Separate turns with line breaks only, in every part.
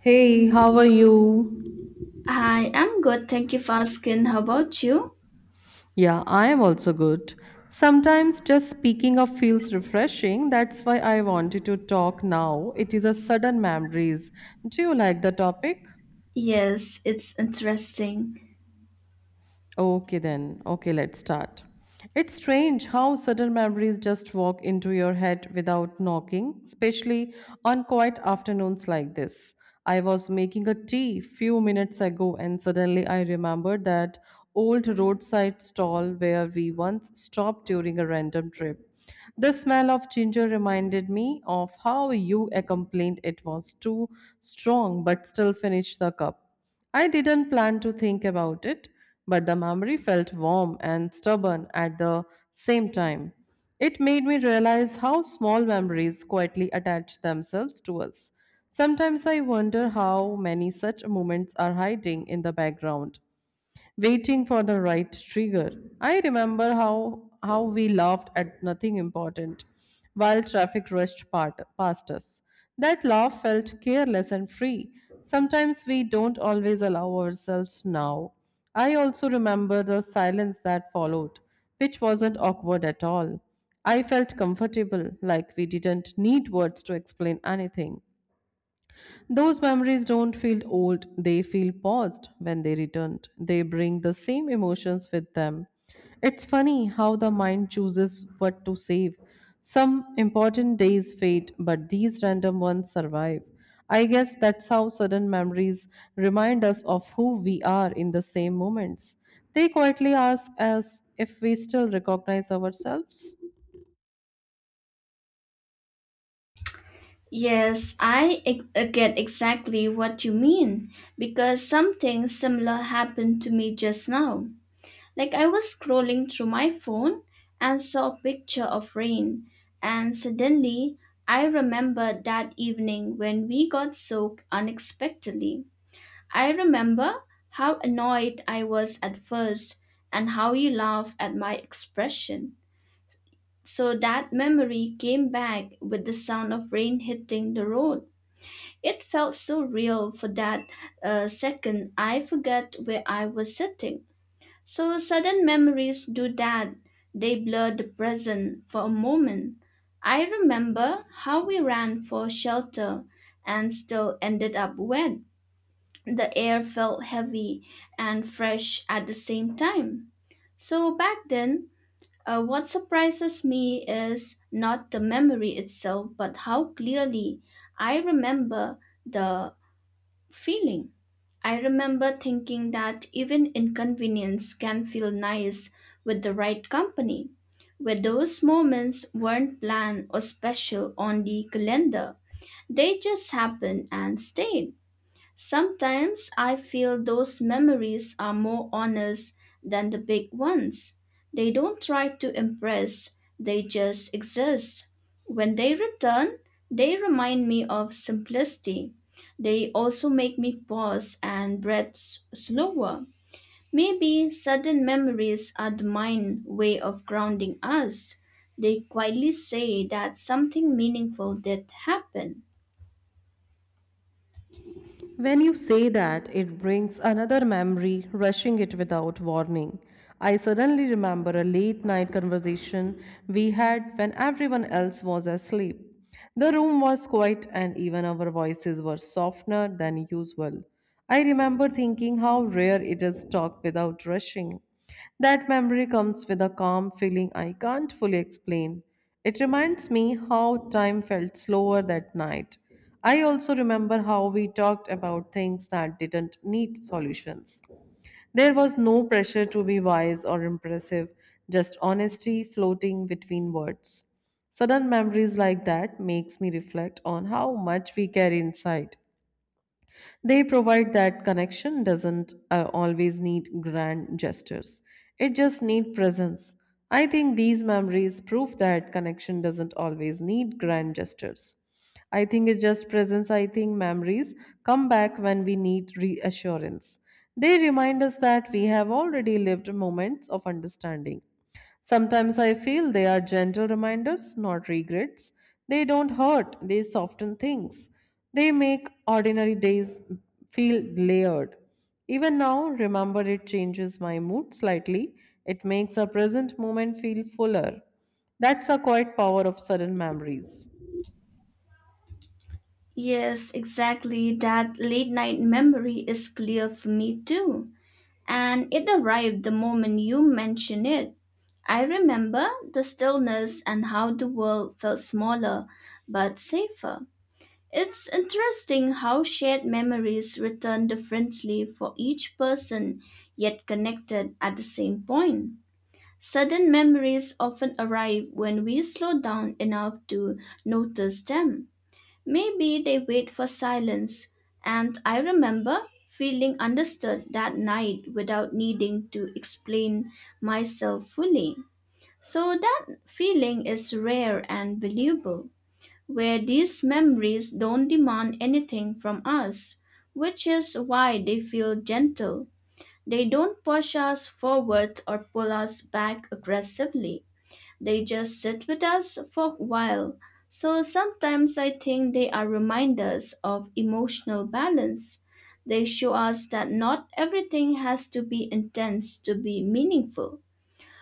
Hey, how are you?
Hi, I'm good. Thank you for asking. How about you?
Yeah, I am also good. Sometimes just speaking of feels refreshing. That's why I wanted to talk now. It is a sudden memories. Do you like the topic?
Yes, it's interesting.
Okay, then. Okay, let's start. It's strange how sudden memories just walk into your head without knocking, especially on quiet afternoons like this. I was making a tea few minutes ago and suddenly I remembered that old roadside stall where we once stopped during a random trip. The smell of ginger reminded me of how you complained it was too strong but still finished the cup. I didn't plan to think about it, but the memory felt warm and stubborn at the same time. It made me realize how small memories quietly attach themselves to us. Sometimes I wonder how many such moments are hiding in the background, waiting for the right trigger. I remember how we laughed at nothing important while traffic past us. That laugh felt careless and free. Sometimes we don't always allow ourselves now. I also remember the silence that followed, which wasn't awkward at all. I felt comfortable, like we didn't need words to explain anything. Those memories don't feel old, they feel paused when they returned. They bring the same emotions with them. It's funny how the mind chooses what to save. Some important days fade, but these random ones survive. I guess that's how sudden memories remind us of who we are in the same moments. They quietly ask us if we still recognize ourselves.
Yes, I get exactly what you mean because something similar happened to me just now. Like I was scrolling through my phone and saw a picture of rain, and suddenly I remembered that evening when we got soaked unexpectedly. I remember how annoyed I was at first and how you laughed at my expression. So that memory came back with the sound of rain hitting the road. It felt so real for that second. I forgot where I was sitting. So sudden memories do that. They blur the present for a moment. I remember how we ran for shelter and still ended up wet. The air felt heavy and fresh at the same time. So back then, what surprises me is not the memory itself, but how clearly I remember the feeling. I remember thinking that even inconvenience can feel nice with the right company, where those moments weren't planned or special on the calendar. They just happened and stayed. Sometimes I feel those memories are more honest than the big ones. They don't try to impress, they just exist. When they return, they remind me of simplicity. They also make me pause and breathe slower. Maybe sudden memories are the mind way of grounding us. They quietly say that something meaningful did happen.
When you say that, it brings another memory, rushing it without warning. I suddenly remember a late night conversation we had when everyone else was asleep. The room was quiet and even our voices were softener than usual. I remember thinking how rare it is to talk without rushing. That memory comes with a calm feeling I can't fully explain. It reminds me how time felt slower that night. I also remember how we talked about things that didn't need solutions. There was no pressure to be wise or impressive, just honesty floating between words. Sudden memories like that makes me reflect on how much we carry inside. They provide that connection doesn't always need grand gestures. It just needs presence. I think these memories prove that connection doesn't always need grand gestures. I think it's just presence. I think memories come back when we need reassurance. They remind us that we have already lived moments of understanding. Sometimes I feel they are gentle reminders, not regrets. They don't hurt, they soften things. They make ordinary days feel layered. Even now, remember it changes my mood slightly. It makes a present moment feel fuller. That's a quiet power of sudden memories.
Yes, exactly. That late night memory is clear for me too. And it arrived the moment you mentioned it. I remember the stillness and how the world felt smaller but safer. It's interesting how shared memories return differently for each person, yet connected at the same point. Sudden memories often arrive when we slow down enough to notice them. Maybe they wait for silence, and I remember feeling understood that night without needing to explain myself fully. So that feeling is rare and valuable, where these memories don't demand anything from us, which is why they feel gentle. They don't push us forward or pull us back aggressively. They just sit with us for a while. So sometimes I think they are reminders of emotional balance. They show us that not everything has to be intense to be meaningful.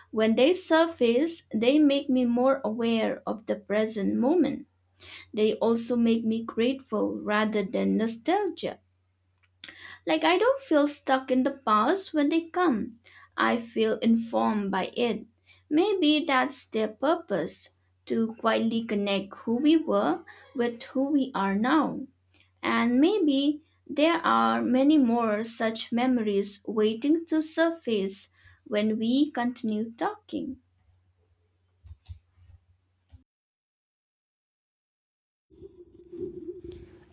When they surface, they make me more aware of the present moment. They also make me grateful rather than nostalgia. Like, I don't feel stuck in the past when they come. I feel informed by it. Maybe that's their purpose to quietly connect who we were with who we are now. And maybe there are many more such memories waiting to surface when we continue talking.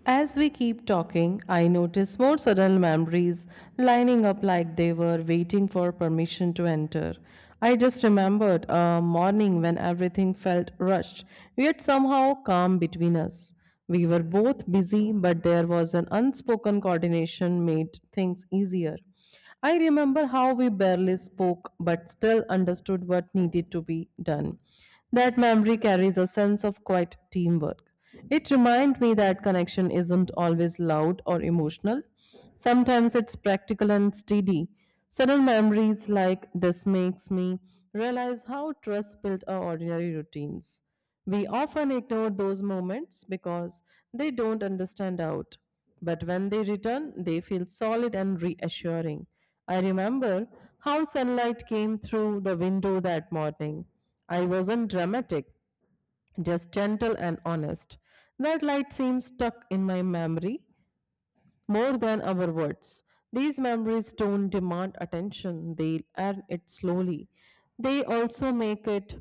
As we keep talking, I notice more sudden memories lining up like they were waiting for permission to enter. I just remembered a morning when everything felt rushed, yet somehow calm between us. We were both busy, but there was an unspoken coordination made things easier. I remember how we barely spoke but still understood what needed to be done. That memory carries a sense of quiet teamwork. It reminds me that connection isn't always loud or emotional. Sometimes it's practical and steady. Sudden memories like this makes me realize how trust built our ordinary routines. We often ignore those moments because they don't understand out. But when they return, they feel solid and reassuring. I remember how sunlight came through the window that morning. I wasn't dramatic, just gentle and honest. That light seems stuck in my memory more than our words. These memories don't demand attention, they earn it slowly. They also make it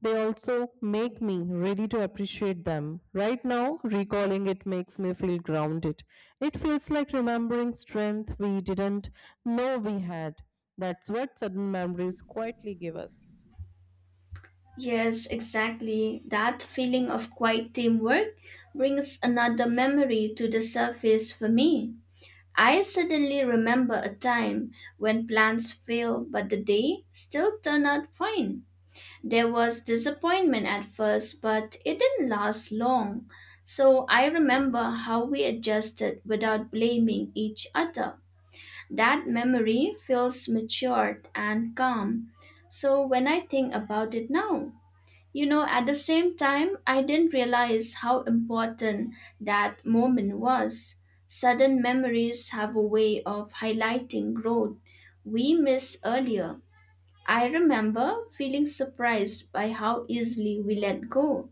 they also make me ready to appreciate them. Right now, recalling it makes me feel grounded. It feels like remembering strength we didn't know we had. That's what sudden memories quietly give us.
Yes, exactly. That feeling of quiet teamwork brings another memory to the surface for me. I suddenly remember a time when plans failed, but the day still turned out fine. There was disappointment at first, but it didn't last long. So I remember how we adjusted without blaming each other. That memory feels matured and calm. So when I think about it now, you know, at the same time, I didn't realize how important that moment was. Sudden memories have a way of highlighting growth we miss earlier. I remember feeling surprised by how easily we let go.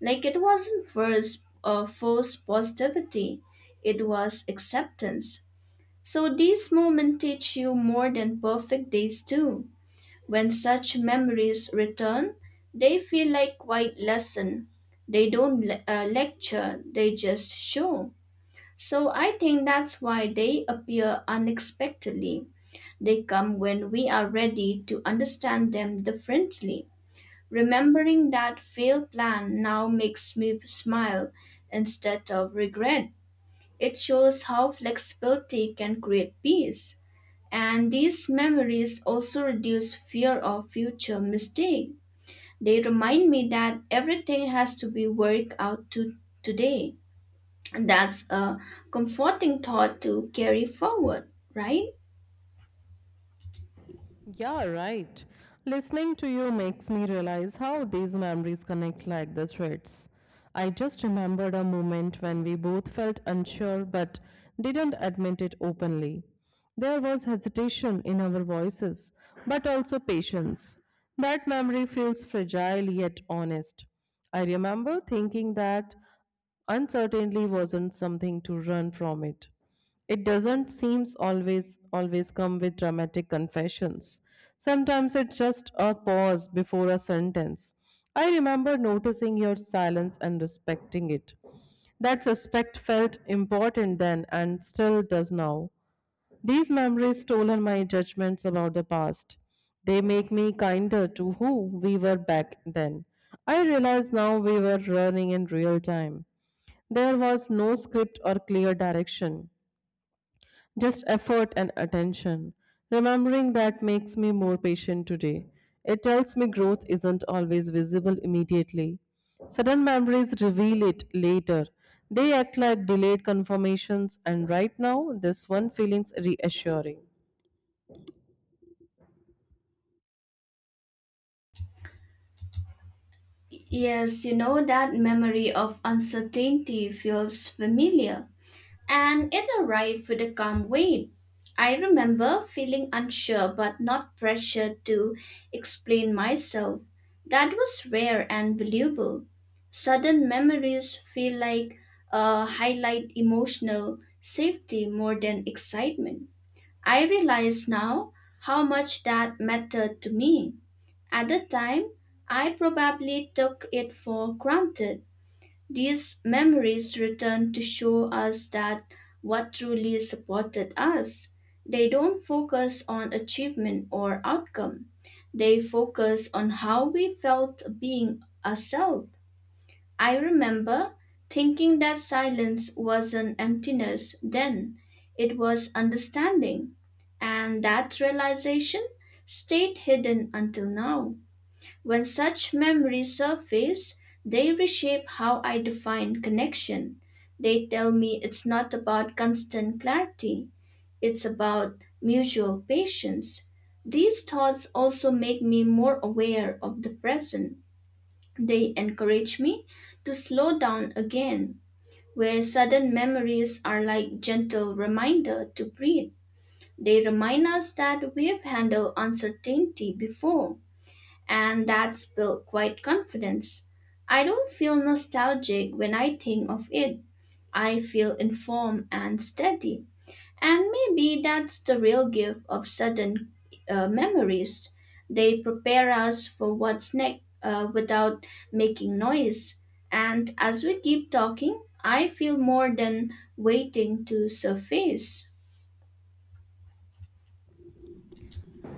Like it wasn't first forced positivity, it was acceptance. So these moments teach you more than perfect days do. When such memories return, they feel like quiet lesson. They don't lecture, they just show. So I think that's why they appear unexpectedly. They come when we are ready to understand them differently. Remembering that failed plan now makes me smile instead of regret. It shows how flexibility can create peace. And these memories also reduce fear of future mistake. They remind me that everything has to be worked out to today. And that's a comforting thought to carry forward, right?
Yeah, right. Listening to you makes me realize how these memories connect like the threads. I just remembered a moment when we both felt unsure but didn't admit it openly. There was hesitation in our voices, but also patience. That memory feels fragile yet honest. I remember thinking that uncertainty wasn't something to run from. It doesn't seems always come with dramatic confessions. Sometimes it's just a pause before a sentence. I remember noticing your silence and respecting it. That respect felt important then and still does now. These memories stolen my judgments about the past. They make me kinder to who we were back then. I realize now we were running in real time. There was no script or clear direction, just effort and attention. Remembering that makes me more patient today. It tells me growth isn't always visible immediately. Sudden memories reveal it later. They act like delayed confirmations, and right now, this one feeling's reassuring.
Yes, you know that memory of uncertainty feels familiar. And it arrived with a calm weight. I remember feeling unsure but not pressured to explain myself. That was rare and valuable. Sudden memories feel like highlight emotional safety more than excitement. I realize now how much that mattered to me. At the time, I probably took it for granted. These memories return to show us that what truly supported us. They don't focus on achievement or outcome, they focus on how we felt being ourselves. I remember thinking that silence wasn't emptiness then, it was understanding, and that realization stayed hidden until now. When such memories surface, they reshape how I define connection. They tell me it's not about constant clarity, it's about mutual patience. These thoughts also make me more aware of the present. They encourage me to slow down again, where sudden memories are like gentle reminder to breathe. They remind us that we've handled uncertainty before and that's built quite confidence. I don't feel nostalgic when I think of it. I feel informed and steady. And maybe that's the real gift of sudden memories. They prepare us for what's next without making noise. And as we keep talking, I feel more than waiting to surface.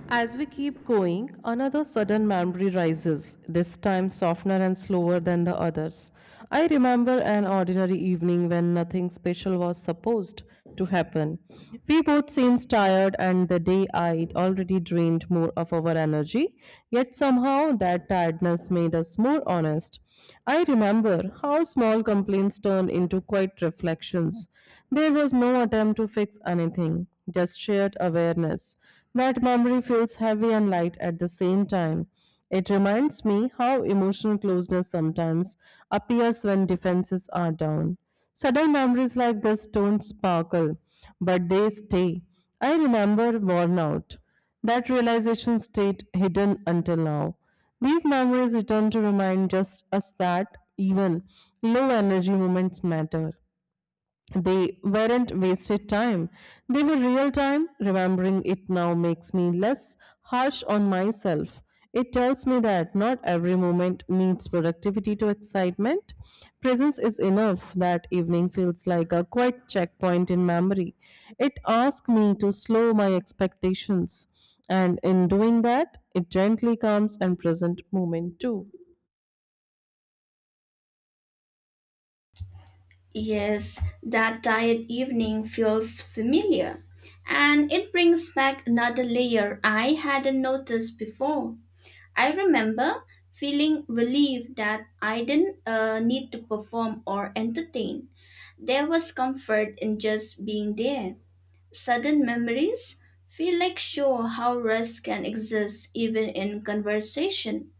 As we keep going, another sudden memory rises, this time softer and slower than the others. I remember an ordinary evening when nothing special was supposed to happen. We both seemed tired, and the day I'd already drained more of our energy, yet somehow that tiredness made us more honest. I remember how small complaints turned into quiet reflections. There was no attempt to fix anything, just shared awareness. That memory feels heavy and light at the same time. It reminds me how emotional closeness sometimes appears when defenses are down. Sudden memories like this don't sparkle, but they stay. I remember worn out. That realization stayed hidden until now. These memories return to remind just us that even low energy moments matter. They weren't wasted time. They were real time. Remembering it now makes me less harsh on myself. It tells me that not every moment needs productivity to excitement. Presence is enough. That evening feels like a quiet checkpoint in memory. It asks me to slow my expectations. And in doing that, it gently calms and present moment too.
Yes, that diet evening feels familiar, and it brings back another layer I hadn't noticed before. I remember feeling relieved that I didn't need to perform or entertain. There was comfort in just being there. Sudden memories feel like show how rest can exist even in conversation.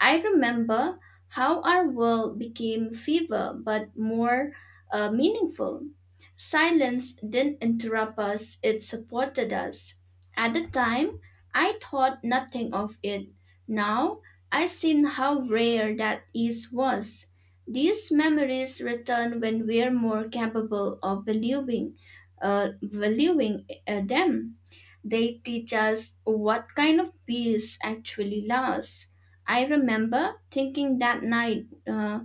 I remember how our world became fever but more meaningful. Silence didn't interrupt us, it supported us. At the time, I thought nothing of it. Now, I seen how rare that ease was. These memories return when we're more capable of valuing them. They teach us what kind of peace actually lasts. I remember thinking that night uh,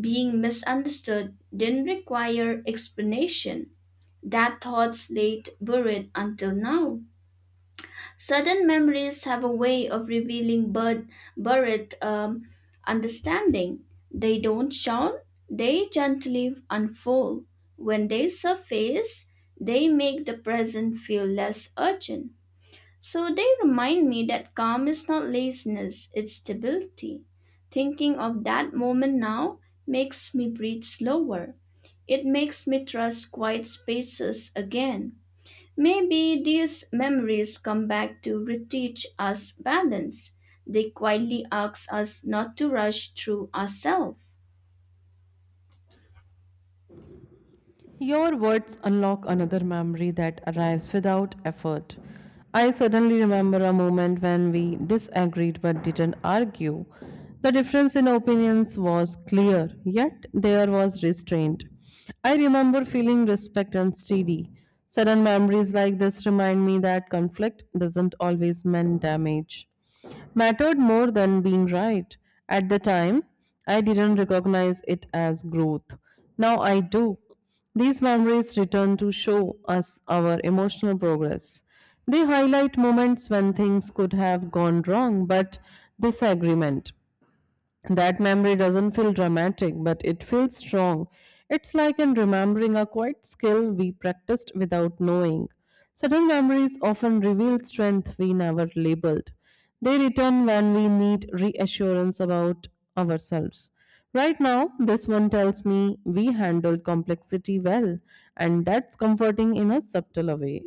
being misunderstood didn't require explanation. That thought late buried until now. Sudden memories have a way of revealing buried understanding. They don't shout, they gently unfold. When they surface, they make the present feel less urgent. So they remind me that calm is not laziness, it's stability. Thinking of that moment now makes me breathe slower. It makes me trust quiet spaces again. Maybe these memories come back to reteach us balance. They quietly ask us not to rush through ourselves.
Your words unlock another memory that arrives without effort. I suddenly remember a moment when we disagreed but didn't argue. The difference in opinions was clear, yet there was restraint. I remember feeling respect and steady. Sudden memories like this remind me that conflict doesn't always mean damage mattered more than being right. At the time, I didn't recognize it as growth. Now I do. These memories return to show us our emotional progress. They highlight moments when things could have gone wrong, but disagreement that memory doesn't feel dramatic, but it feels strong. It's like in remembering a quiet skill we practiced without knowing. Sudden memories often reveal strength we never labeled. They return when we need reassurance about ourselves. Right now, this one tells me we handled complexity well, and that's comforting in a subtle way.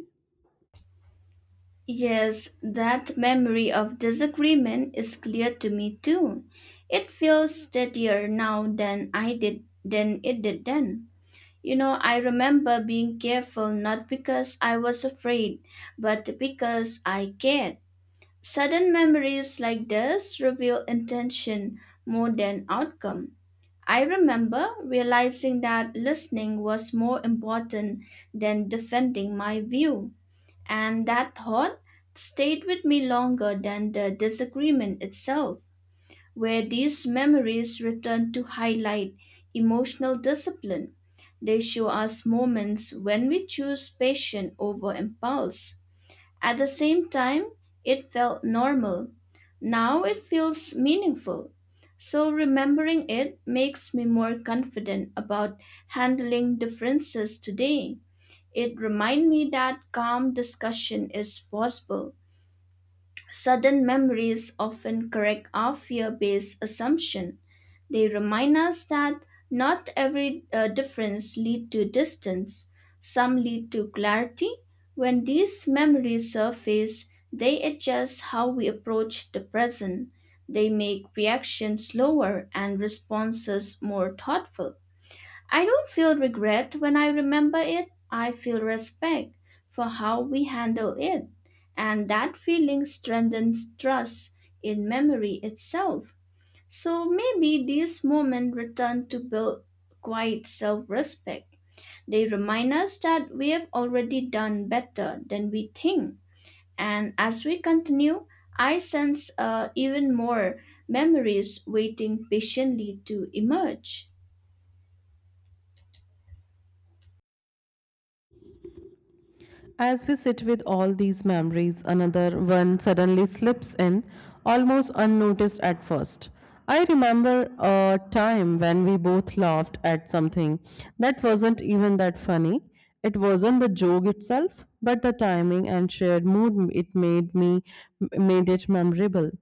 Yes, that memory of disagreement is clear to me too. It feels steadier now than it did then. You know, I remember being careful not because I was afraid, but because I cared. Sudden memories like this reveal intention more than outcome. I remember realizing that listening was more important than defending my view. And that thought stayed with me longer than the disagreement itself, where these memories return to highlight emotional discipline. They show us moments when we choose passion over impulse. At the same time, it felt normal. Now it feels meaningful. So remembering it makes me more confident about handling differences today. It reminded me that calm discussion is possible. Sudden memories often correct our fear based assumption. They remind us that not every difference lead to distance. Some lead to clarity. When these memories surface, they adjust how we approach the present. They make reactions slower and responses more thoughtful. I don't feel regret when I remember it. I feel respect for how we handle it. And that feeling strengthens trust in memory itself. So maybe these moments return to build quite self respect. They remind us that we have already done better than we think. And as we continue, I sense even more memories waiting patiently to emerge.
As we sit with all these memories, another one suddenly slips in, almost unnoticed at first. I remember a time when we both laughed at something that wasn't even that funny. It wasn't the joke itself, but the timing and shared mood it made me made it memorable.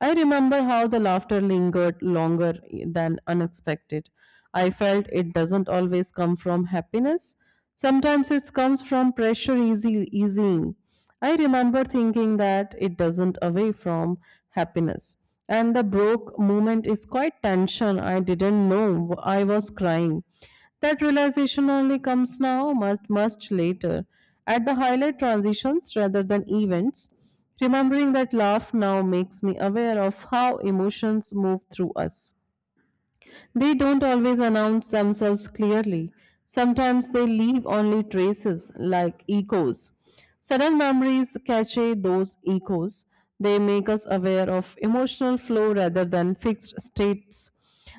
I remember how the laughter lingered longer than unexpected. I felt it doesn't always come from happiness. Sometimes it comes from pressure easing. I remember thinking that it doesn't away from happiness. And the broke moment is quite tension. I didn't know I was crying. That realization only comes now, much later. At the highlight transitions rather than events, remembering that laugh now makes me aware of how emotions move through us. They don't always announce themselves clearly. Sometimes they leave only traces, like echoes. Sudden memories cache those echoes. They make us aware of emotional flow rather than fixed states.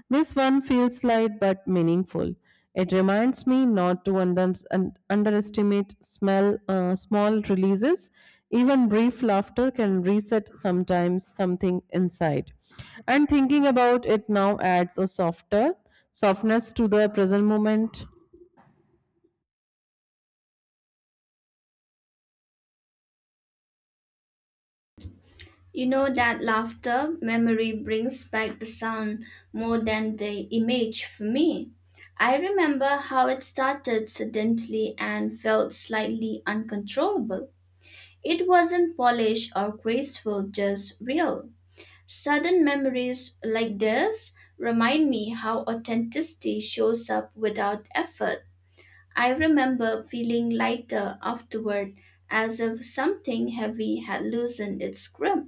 This one feels light but meaningful. It reminds me not to underestimate small releases. Even brief laughter can reset sometimes something inside. And thinking about it now adds a softer softness to the present moment.
You know that laughter memory brings back the sound more than the image for me. I remember how it started suddenly and felt slightly uncontrollable. It wasn't polished or graceful, just real. Sudden memories like this remind me how authenticity shows up without effort. I remember feeling lighter afterward, as if something heavy had loosened its grip.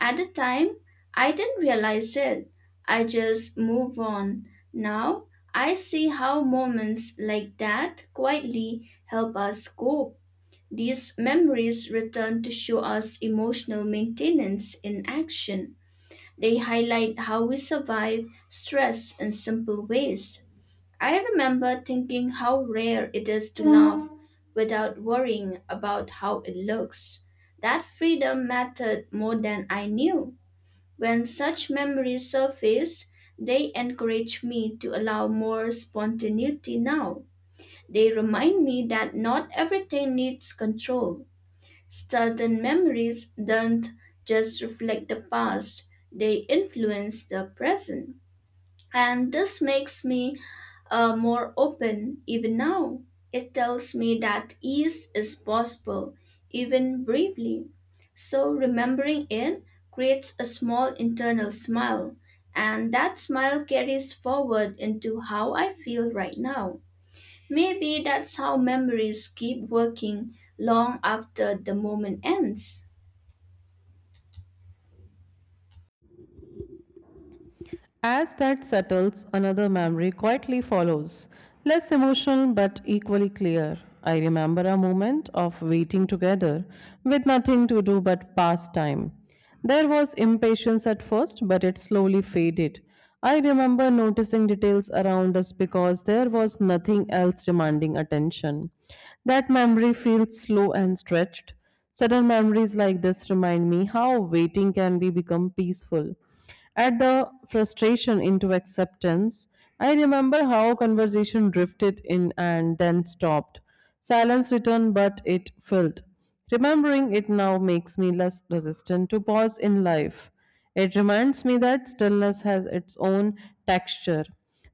At the time, I didn't realize it. I just move on. Now, I see how moments like that quietly help us cope. These memories return to show us emotional maintenance in action. They highlight how we survive stress in simple ways. I remember thinking how rare it is to laugh without worrying about how it looks. That freedom mattered more than I knew. When such memories surface, they encourage me to allow more spontaneity now. They remind me that not everything needs control. Certain memories don't just reflect the past, they influence the present. And this makes me more open even now. It tells me that ease is possible, even briefly. So remembering it creates a small internal smile, and that smile carries forward into how I feel right now. Maybe that's how memories keep working long after the moment ends.
As that settles, another memory quietly follows, less emotional but equally clear. I remember a moment of waiting together with nothing to do but pass time. There was impatience at first, but it slowly faded. I remember noticing details around us because there was nothing else demanding attention. That memory feels slow and stretched. Sudden memories like this remind me how waiting can be become peaceful. At the frustration into acceptance, I remember how conversation drifted in and then stopped. Silence returned, but it filled. Remembering it now makes me less resistant to pause in life. It reminds me that stillness has its own texture.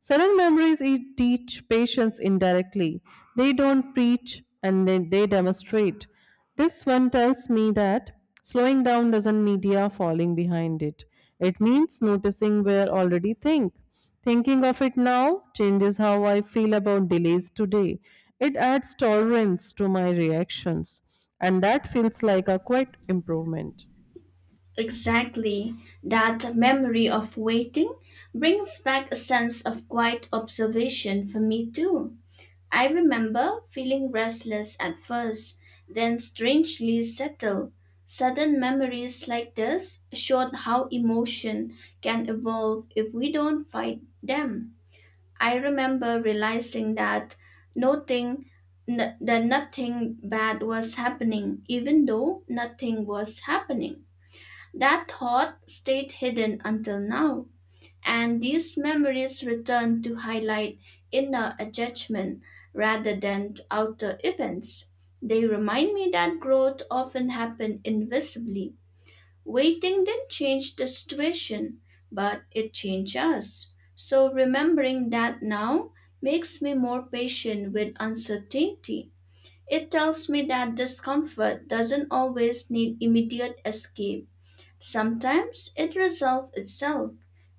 Sudden memories teach patience indirectly. They don't preach and they demonstrate. This one tells me that slowing down doesn't mean you are falling behind it. It means noticing where already think. Thinking of it now changes how I feel about delays today. It adds tolerance to my reactions, and that feels like a quite improvement.
Exactly. That memory of waiting brings back a sense of quiet observation for me too. I remember feeling restless at first, then strangely settled. Sudden memories like this showed how emotion can evolve if we don't fight them. I remember realizing that noting that nothing bad was happening, even though nothing was happening. That thought stayed hidden until now, and these memories return to highlight inner attachment rather than outer events. They remind me that growth often happens invisibly. Waiting didn't change the situation, but it changed us. So remembering that now makes me more patient with uncertainty. It tells me that discomfort doesn't always need immediate escape. Sometimes it resolves itself,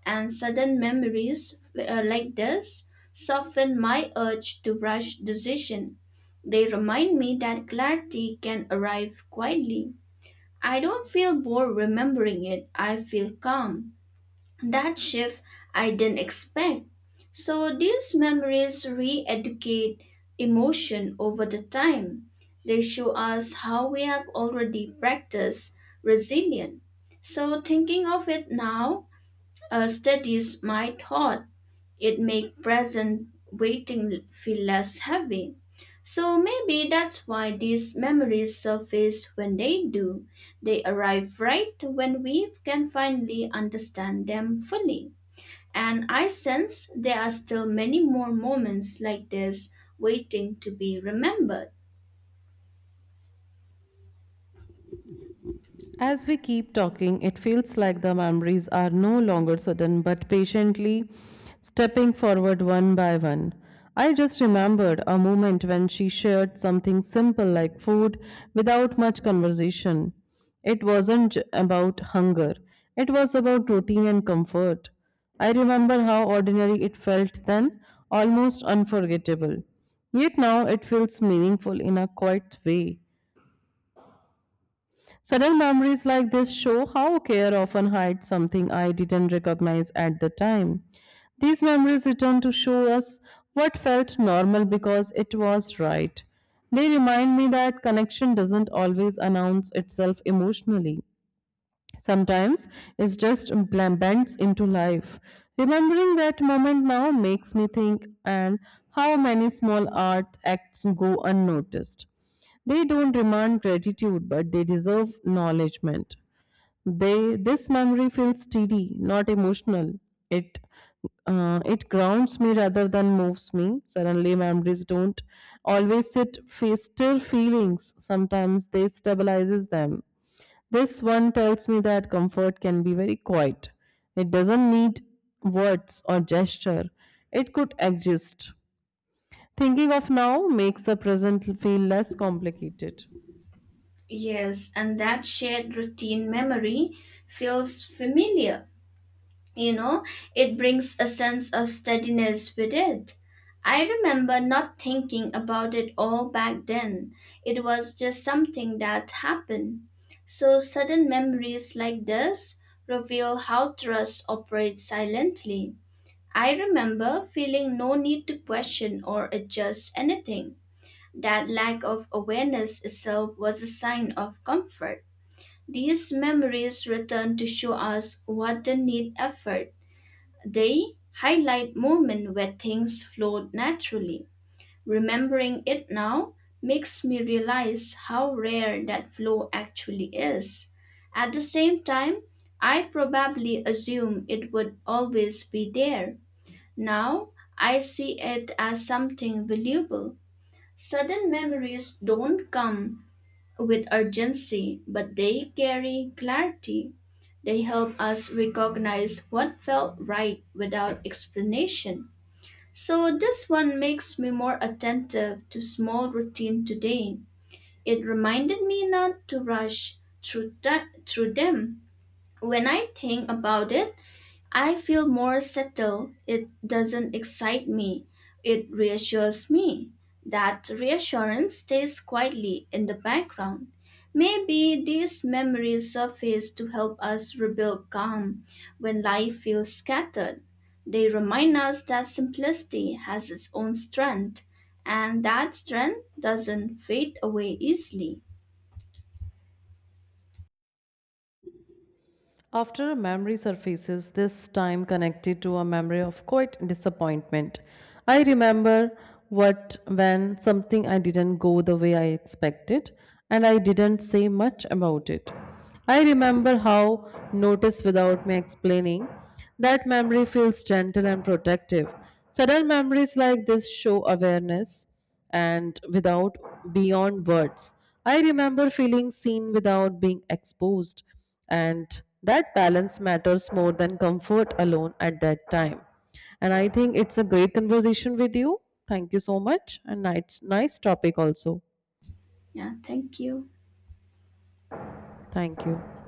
and sudden memories like this soften my urge to rush decision. They remind me that clarity can arrive quietly. I don't feel bored remembering it, I feel calm that shift I didn't expect. So these memories re educate emotion over the time. They show us how we have already practiced resilience. So thinking of it now steadies my thought. It makes present waiting feel less heavy. So maybe that's why these memories surface when they do. They arrive right when we can finally understand them fully. And I sense there are still many more moments like this waiting to be remembered.
As we keep talking, it feels like the memories are no longer sudden but patiently stepping forward one by one. I just remembered a moment when she shared something simple like food without much conversation. It wasn't about hunger, it was about routine and comfort. I remember how ordinary it felt then, almost unforgettable. Yet now it feels meaningful in a quiet way. Sudden memories like this show how care often hides something I didn't recognize at the time. These memories return to show us what felt normal because it was right. They remind me that connection doesn't always announce itself emotionally. Sometimes it just blends into life. Remembering that moment now makes me think and how many small art acts go unnoticed. They don't demand gratitude, but they deserve acknowledgement. They This memory feels steady, not emotional. It it grounds me rather than moves me. Suddenly, memories don't always sit face still feelings. Sometimes they stabilizes them. This one tells me that comfort can be very quiet. It doesn't need words or gesture. It could exist. Thinking of now makes the present feel less complicated.
Yes, and that shared routine memory feels familiar. You know, it brings a sense of steadiness with it. I remember not thinking about it all back then. It was just something that happened. So, sudden memories like this reveal how trust operates silently. I remember feeling no need to question or adjust anything. That lack of awareness itself was a sign of comfort. These memories return to show us what didn't need effort. They highlight moments where things flowed naturally. Remembering it now makes me realize how rare that flow actually is. At the same time, I probably assume it would always be there now I see it as something valuable. Sudden memories don't come with urgency, but they carry clarity. They help us recognize what felt right without explanation. So this one makes me more attentive to small routine today. It reminded me not to rush through them. When I think about it, I feel more settled. It doesn't excite me. It reassures me. That reassurance stays quietly in the background. Maybe these memories surface to help us rebuild calm when life feels scattered. They remind us that simplicity has its own strength and that strength doesn't fade away easily.
After a memory surfaces, this time connected to a memory of quite disappointment. I remember what when something I didn't go the way I expected, and I didn't say much about it. I remember how notice without me explaining. That memory feels gentle and protective. Sudden memories like this show awareness and without beyond words. I remember feeling seen without being exposed, and that balance matters more than comfort alone at that time. And I think it's a great conversation with you. Thank you so much, and nice topic also.
Yeah, thank you.
Thank you.